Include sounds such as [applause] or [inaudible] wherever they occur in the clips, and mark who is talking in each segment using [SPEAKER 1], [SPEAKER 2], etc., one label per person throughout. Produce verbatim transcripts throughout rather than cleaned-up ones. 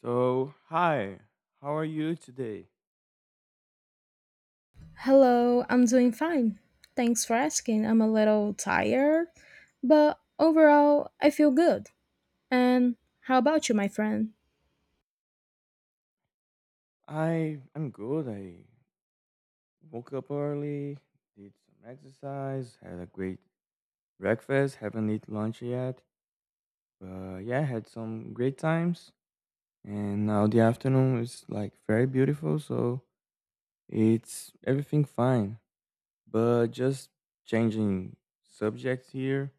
[SPEAKER 1] So, hi. How are you today?
[SPEAKER 2] Hello, I'm doing fine. Thanks for asking. I'm a little tired, but overall, I feel good. And how about you, my friend?
[SPEAKER 1] I I'm good. I woke up early, did some exercise, had a great breakfast, haven't eaten lunch yet. But yeah, had some great times. And now the afternoon is like very beautiful, so it's everything fine. But just changing subjects here.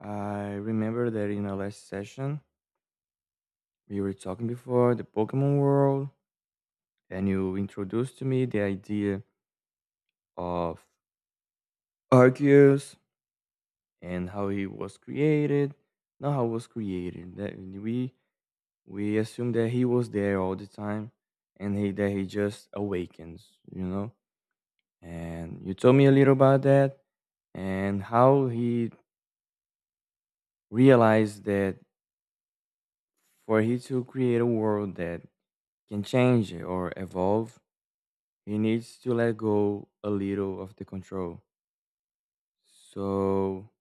[SPEAKER 1] I remember that in our last session we were talking before the Pokemon world and you introduced to me the idea of Arceus and how he was created. Not how was created. That we we assume that he was there all the time, and he that he just awakens, you know. And you told me a little about that and how he realized that for he to create a world that can change or evolve, he needs to let go a little of the control. So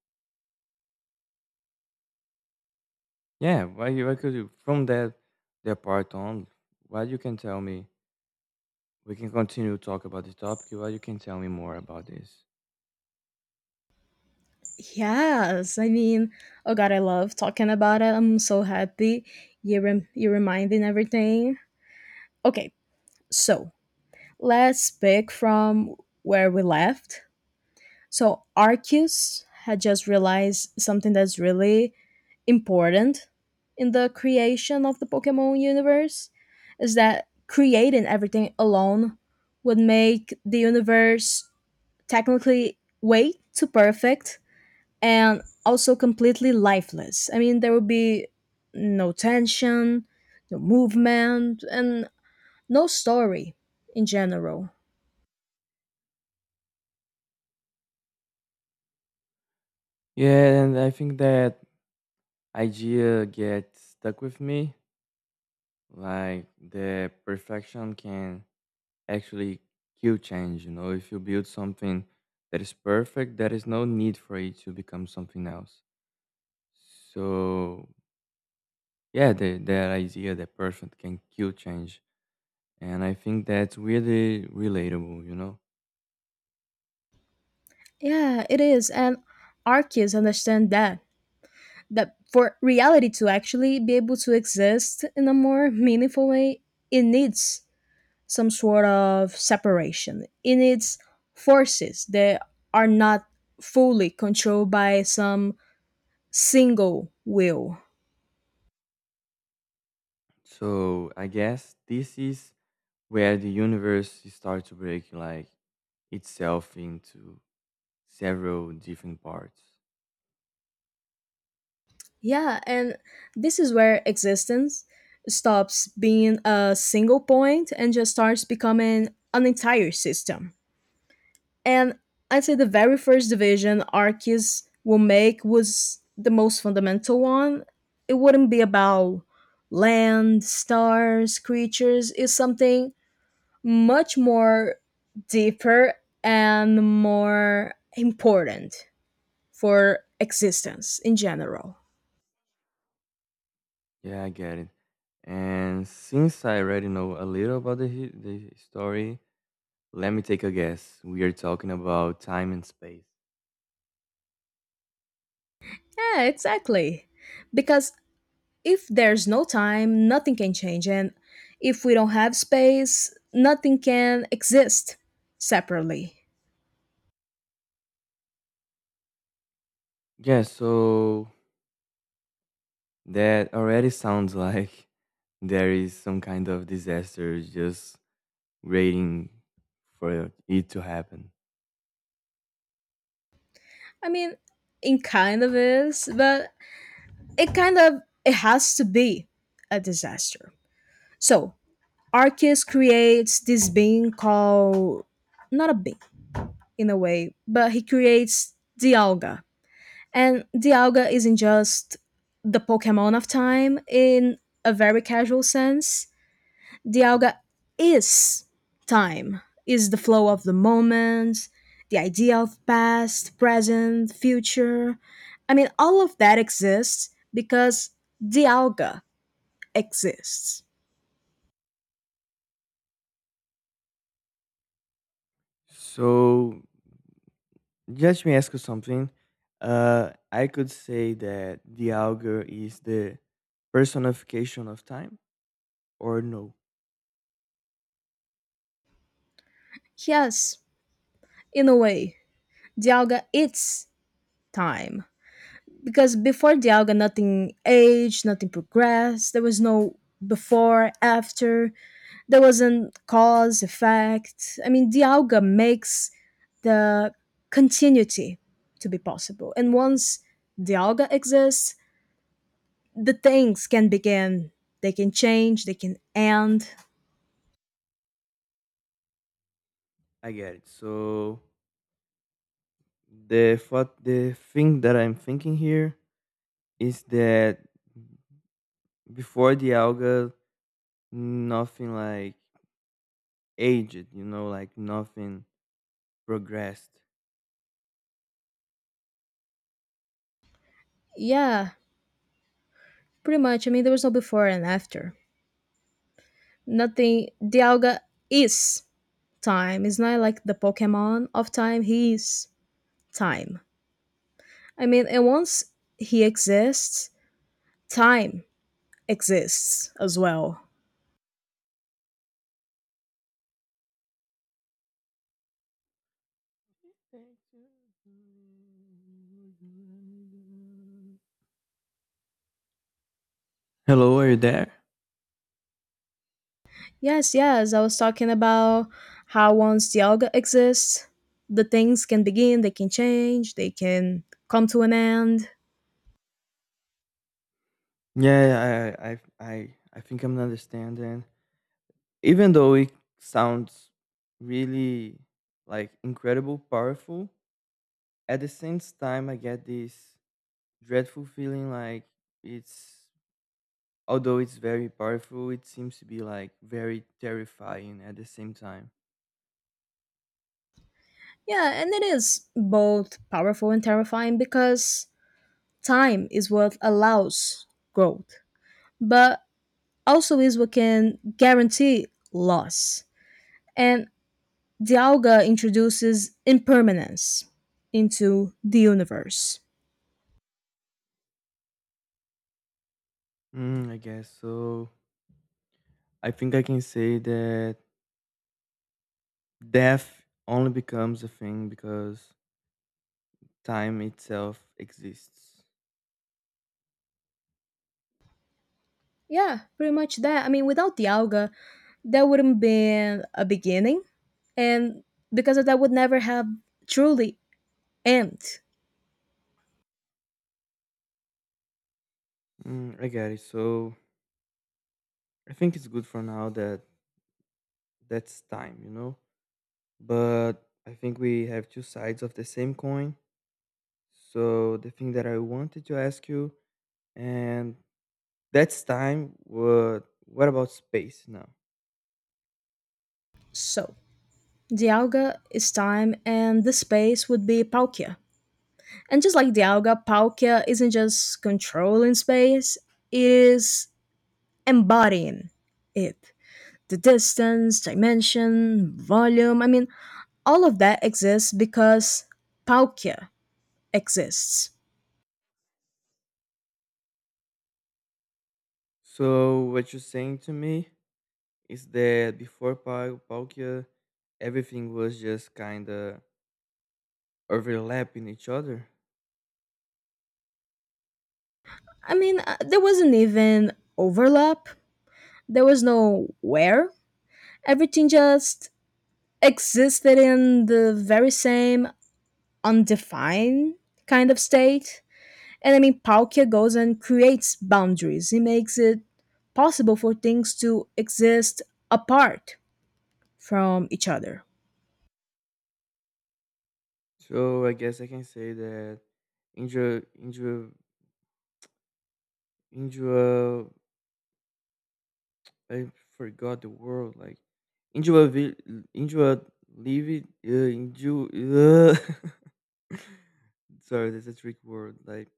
[SPEAKER 1] yeah, why you why could you from that that part on, why you can tell me we can continue to talk about this topic, why you can tell me more about this.
[SPEAKER 2] Yes, I mean, oh god, I love talking about it. I'm so happy you rem- you're reminding everything. Okay, so let's pick from where we left. So Arceus had just realized something that's really important in the creation of the Pokemon universe is that creating everything alone would make the universe technically way too perfect and also completely lifeless. I mean, there would be no tension, no movement, and no story in general.
[SPEAKER 1] Yeah, and I think that idea gets stuck with me. Like the perfection can actually kill change, you know, if you build something that is perfect, there is no need for it to become something else. So yeah, the that idea that perfect can kill change. And I think that's really relatable, you know?
[SPEAKER 2] Yeah, it is. And Arceus understand that that for reality to actually be able to exist in a more meaningful way, it needs some sort of separation. It needs forces that are not fully controlled by some single will.
[SPEAKER 1] So I guess this is where the universe starts to break like itself into several different parts.
[SPEAKER 2] Yeah, and this is where existence stops being a single point and just starts becoming an entire system. And I'd say the very first division Arceus will make was the most fundamental one. It wouldn't be about land, stars, creatures. It's something much more deeper and more important for existence in general.
[SPEAKER 1] Yeah, I get it. And since I already know a little about the, hi- the story, let me take a guess. We are talking about time and space.
[SPEAKER 2] Yeah, exactly. Because if there's no time, nothing can change. And if we don't have space, nothing can exist separately.
[SPEAKER 1] Yeah, so that already sounds like [laughs] there is some kind of disaster just waiting for it to happen.
[SPEAKER 2] I mean, it kind of is, but it kind of it has to be a disaster. So Arceus creates this being called not a being in a way, but he creates Dialga. And Dialga isn't just the Pokemon of time in a very casual sense, the yoga is time, is the flow of the moment, the idea of past, present, future. I mean, all of that exists because the yoga exists.
[SPEAKER 1] So just me ask you something. Uh, I could say that the auger is the personification of time, or no?
[SPEAKER 2] Yes, in a way, the yoga is time. Because before Dialga, nothing aged, nothing progressed. There was no before, after. There wasn't cause, effect. I mean, Dialga makes the continuity to be possible. And once Dialga exists, the things can begin. They can change, they can end.
[SPEAKER 1] I get it. So the thought, the thing that I'm thinking here is that before the auger, nothing like aged, you know, like nothing progressed.
[SPEAKER 2] Yeah, pretty much. I mean, there was no before and after. Nothing. Dialga is time. It's not like the Pokemon of time. He is time. I mean, and once he exists, time exists as well.
[SPEAKER 1] Hello, are you there?
[SPEAKER 2] Yes, yes, I was talking about how once the alga exists, the things can begin, they can change, they can come to an end.
[SPEAKER 1] Yeah, I, I, I, I think I'm understanding. Even though it sounds really like incredible, powerful, at the same time, I get this dreadful feeling like it's, although it's very powerful, it seems to be like very terrifying at the same time.
[SPEAKER 2] Yeah, and it is both powerful and terrifying because time is what allows growth, but also is what can guarantee loss. And Dialga introduces impermanence into the universe.
[SPEAKER 1] Mm, I guess so. I think I can say that death only becomes a thing because time itself exists.
[SPEAKER 2] Yeah, pretty much that. I mean, without Dialga, there wouldn't been a beginning, and because of that, would never have truly end.
[SPEAKER 1] Mm, I got it. So I think it's good for now that that's time, you know? But I think we have two sides of the same coin. So the thing that I wanted to ask you, and that's time, what, what about space now?
[SPEAKER 2] So, Dialga is time, and the space would be Palkia. And just like Dialga, Palkia isn't just controlling space, it is embodying it. The distance, dimension, volume. I mean, all of that exists because Palkia exists.
[SPEAKER 1] So what you're saying to me is that before Pal- Palkia, everything was just kind of overlapping each other.
[SPEAKER 2] I mean, uh, there wasn't even overlap, there was no where. Everything just existed in the very same undefined kind of state. And I mean, Palkia goes and creates boundaries, he makes it possible for things to exist apart from each other.
[SPEAKER 1] So I guess I can say that Indra, Indra, Indra I forgot the word. Like Angela, Vi- Angela Levy. Uh, Angel. Uh, [laughs] sorry, that's a trick word. Like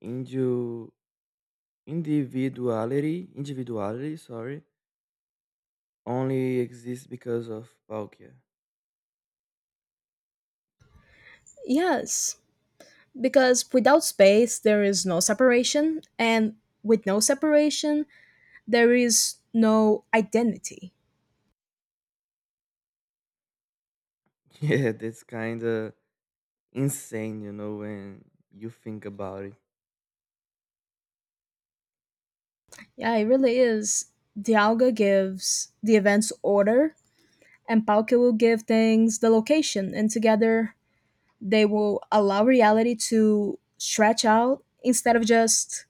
[SPEAKER 1] Angel individuality. Individuality. Sorry, only exists because of Palkia. [laughs]
[SPEAKER 2] Yes. Because without space, there is no separation, and with no separation, there is no identity.
[SPEAKER 1] Yeah, that's kind of insane. You know when you think about it.
[SPEAKER 2] Yeah, it really is. Dialga gives the events order, and Palkia will give things the location, and together they will allow reality to stretch out instead of just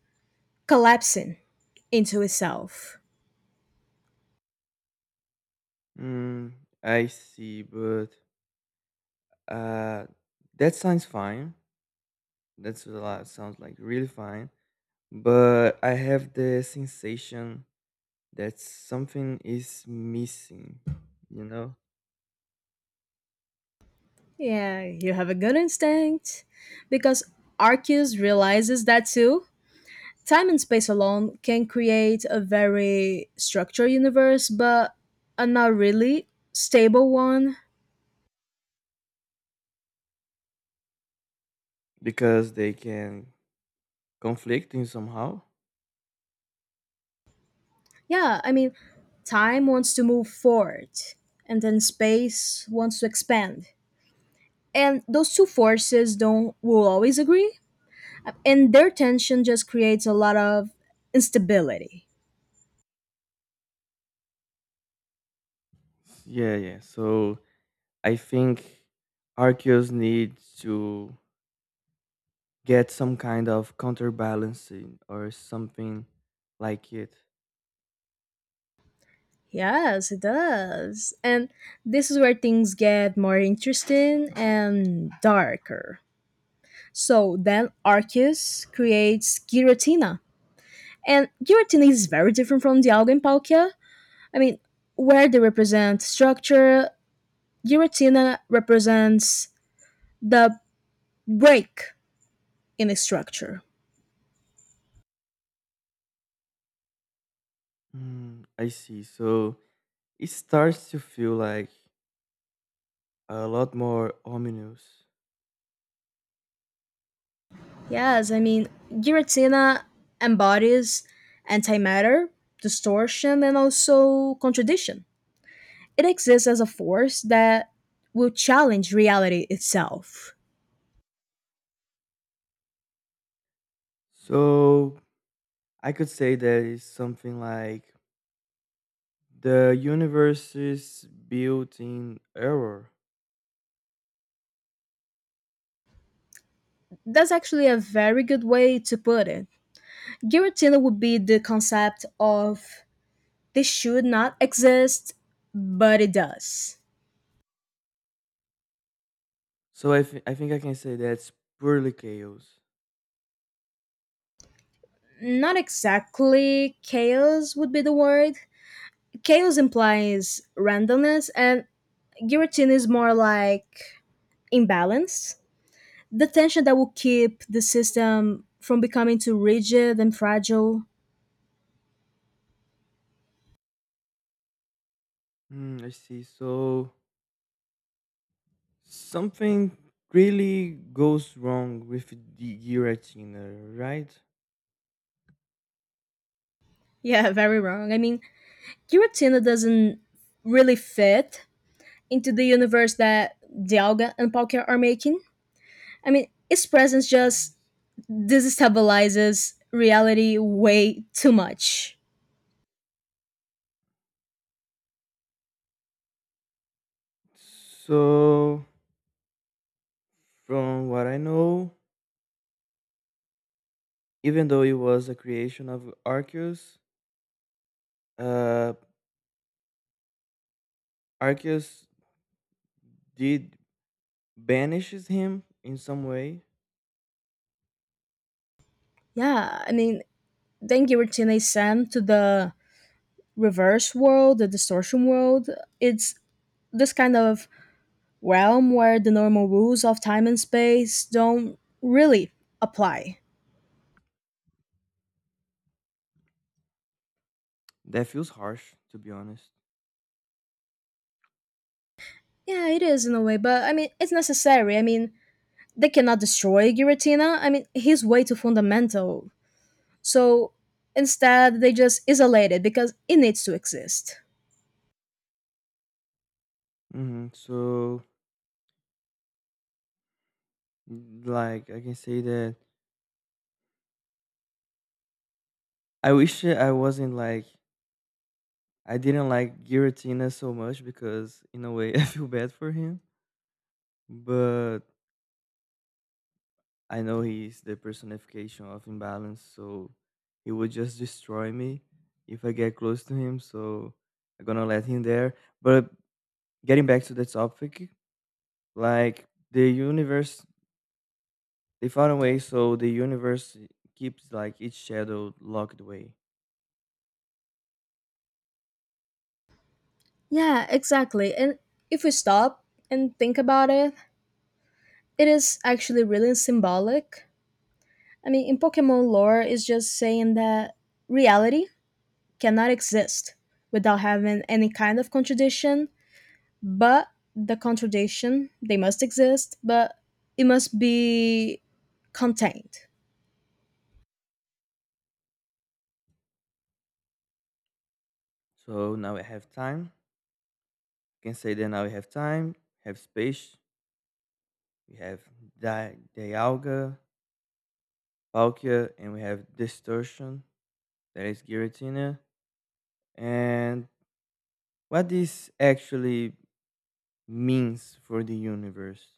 [SPEAKER 2] collapsing into itself.
[SPEAKER 1] Mm, I see, but uh, that sounds fine. That's a lot. Sounds like really fine but I have the sensation that something is missing, you know,
[SPEAKER 2] Yeah, you have a good instinct. Because Arceus realizes that too, time and space alone can create a very structured universe, but a not really stable one.
[SPEAKER 1] because they can conflict in somehow.
[SPEAKER 2] Yeah, I mean, time wants to move forward, and then space wants to expand. And those two forces don't will always agree, and their tension just creates a lot of instability.
[SPEAKER 1] Yeah, yeah. So I think Arceus needs to get some kind of counterbalancing or something like it.
[SPEAKER 2] Yes, it does. And this is where things get more interesting and darker. So then Arceus creates Giratina. And Giratina is very different from Dialga and Palkia. I mean, where they represent structure, Giratina represents the break in a structure.
[SPEAKER 1] Mm, I see. So it starts to feel like a lot more ominous.
[SPEAKER 2] Yes, I mean, Giratina embodies antimatter, distortion, and also contradiction. It exists as a force that will challenge reality itself.
[SPEAKER 1] So I could say that it's something like the universe is built in error.
[SPEAKER 2] That's actually a very good way to put it. Guillotine would be the concept of this should not exist, but it does.
[SPEAKER 1] So I, thi- I think I can say that's purely chaos.
[SPEAKER 2] Not exactly chaos would be the word. Chaos implies randomness, and guillotine is more like imbalance. The tension that will keep the system from becoming too rigid and fragile.
[SPEAKER 1] Hmm, I see. So something really goes wrong with the Giratina, right?
[SPEAKER 2] Yeah, [laughs] very wrong. I mean, guillotine doesn't really fit into the universe that Dialga and Palkia are making. I mean, its presence just destabilizes reality way too much.
[SPEAKER 1] So from what I know, even though it was a creation of Arceus, uh, Arceus did banishes him in some way.
[SPEAKER 2] Yeah, I mean, then Giratina Sam to the reverse world, the distortion world. It's this kind of realm where the normal rules of time and space don't really apply.
[SPEAKER 1] That feels harsh, to be honest.
[SPEAKER 2] Yeah, it is in a way, but I mean, it's necessary. I mean, they cannot destroy Giratina. I mean, he's way too fundamental. So instead, they just isolate it because it needs to exist.
[SPEAKER 1] Hmm. So like I can say that I wish that I wasn't like I didn't like Giratina so much because in a way [laughs] I feel bad for him, but I know he's the personification of imbalance, so he would just destroy me if I get close to him. So I'm gonna let him there. But getting back to the topic, like the universe, they found a way so the universe keeps like each shadow locked away.
[SPEAKER 2] Yeah, exactly. And if we stop and think about it, it is actually really symbolic. I mean, in Pokemon lore, it's just saying that reality cannot exist without having any kind of contradiction, but the contradiction, they must exist, but it must be contained.
[SPEAKER 1] So now we have time can say that now we have time, have space, we have di- dialga, palkia, and we have distortion, that is giratina. And what this actually means for the universe.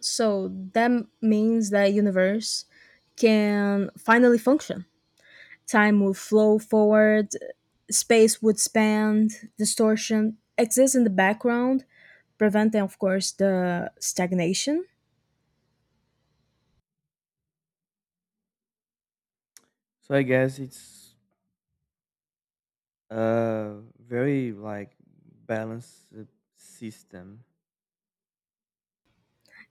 [SPEAKER 2] So that means that universe can finally function. Time would flow forward, space would expand, distortion exists in the background, preventing, of course, the stagnation.
[SPEAKER 1] So I guess it's a very like balanced uh, system.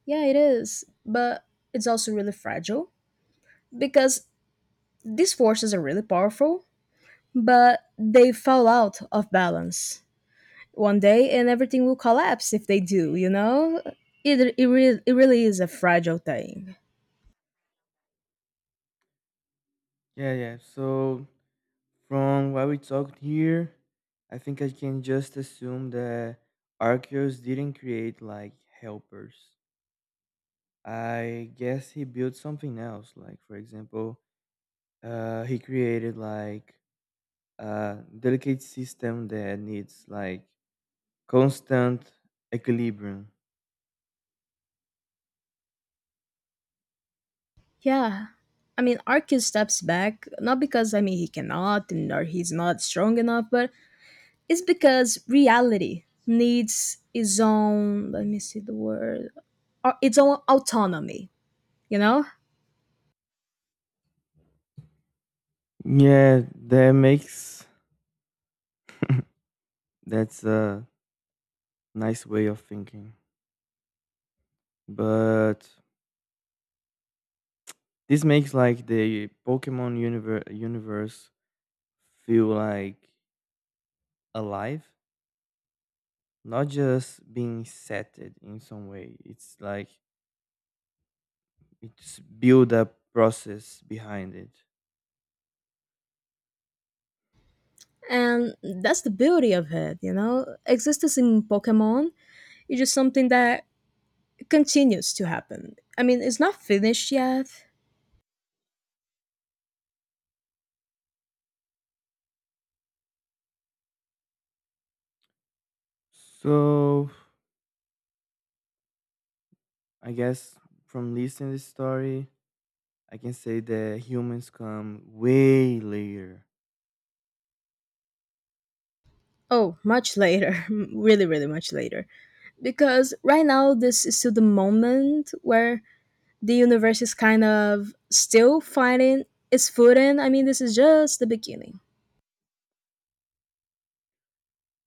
[SPEAKER 2] Yeah, it is, but it's also really fragile because these forces are really powerful, but they fall out of balance one day and everything will collapse if they do, you know? It, it, re- it really is a fragile thing.
[SPEAKER 1] Yeah, yeah. So from what we talked here, I think I can just assume that Arceus didn't create like helpers. I guess he built something else. Like for example, uh, he created like a delicate system that needs like constant equilibrium.
[SPEAKER 2] Yeah. I mean, Arcus steps back, not because, I mean, he cannot and- or he's not strong enough, but it's because reality needs its own, let me see the word, uh, its own autonomy, you know?
[SPEAKER 1] Yeah, that makes that's a nice way of thinking. But this makes like the Pokemon universe universe feel like alive, not just being setted in some way. It's like it's build a process behind it.
[SPEAKER 2] And that's the beauty of it, you know? Existence in Pokemon is just something that continues to happen. I mean, it's not finished yet.
[SPEAKER 1] So, I guess from listening this story, I can say that humans come way later.
[SPEAKER 2] Oh, much later. [laughs] Really, really much later because right now this is still the moment where the universe is kind of still finding its footing. I mean, this is just the beginning.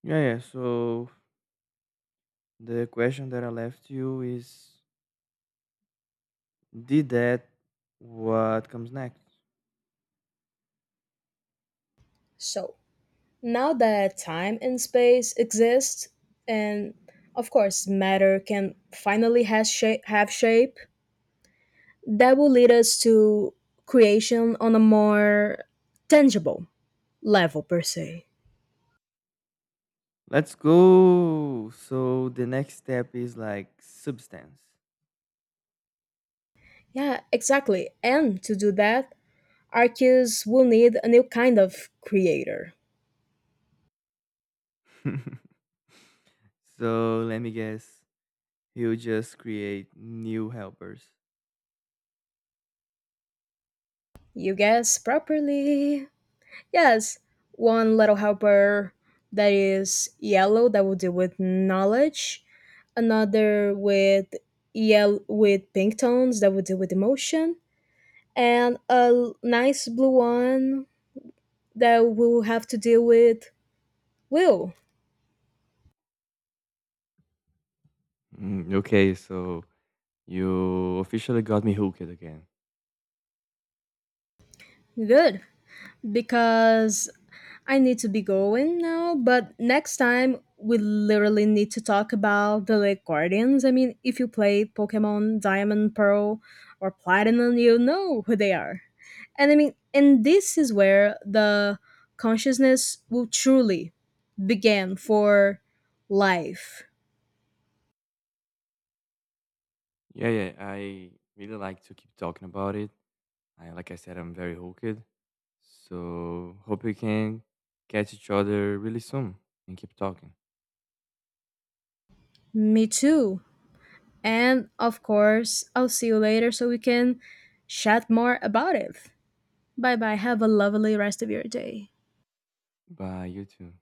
[SPEAKER 1] Yeah, yeah. So the question that I left you is, did that? What comes next?
[SPEAKER 2] So, now that time and space exist, and of course, matter can finally has shape, have shape, that will lead us to creation on a more tangible level, per se.
[SPEAKER 1] Let's go. So the next step is like substance.
[SPEAKER 2] Yeah, exactly. And to do that, Arceus will need a new kind of creator.
[SPEAKER 1] [laughs] So let me guess. He'll just create new helpers.
[SPEAKER 2] You guess properly. Yes, one little helper that is yellow that will deal with knowledge, another with yell with pink tones that will deal with emotion, and a l- nice blue one that will have to deal with will.
[SPEAKER 1] Mm, okay, so you officially got me hooked again.
[SPEAKER 2] Good. Because I need to be going now, but next time we literally need to talk about the Lake Guardians. I mean, if you play Pokemon Diamond, Pearl, or Platinum, you know who they are. And I mean, and this is where the consciousness will truly begin for life.
[SPEAKER 1] Yeah, yeah. I really like to keep talking about it. I, like I said, I'm very hooked. So hope we can catch each other really soon and keep talking.
[SPEAKER 2] Me too. And of course, I'll see you later so we can chat more about it. Bye bye. Have a lovely rest of your day.
[SPEAKER 1] Bye, you too.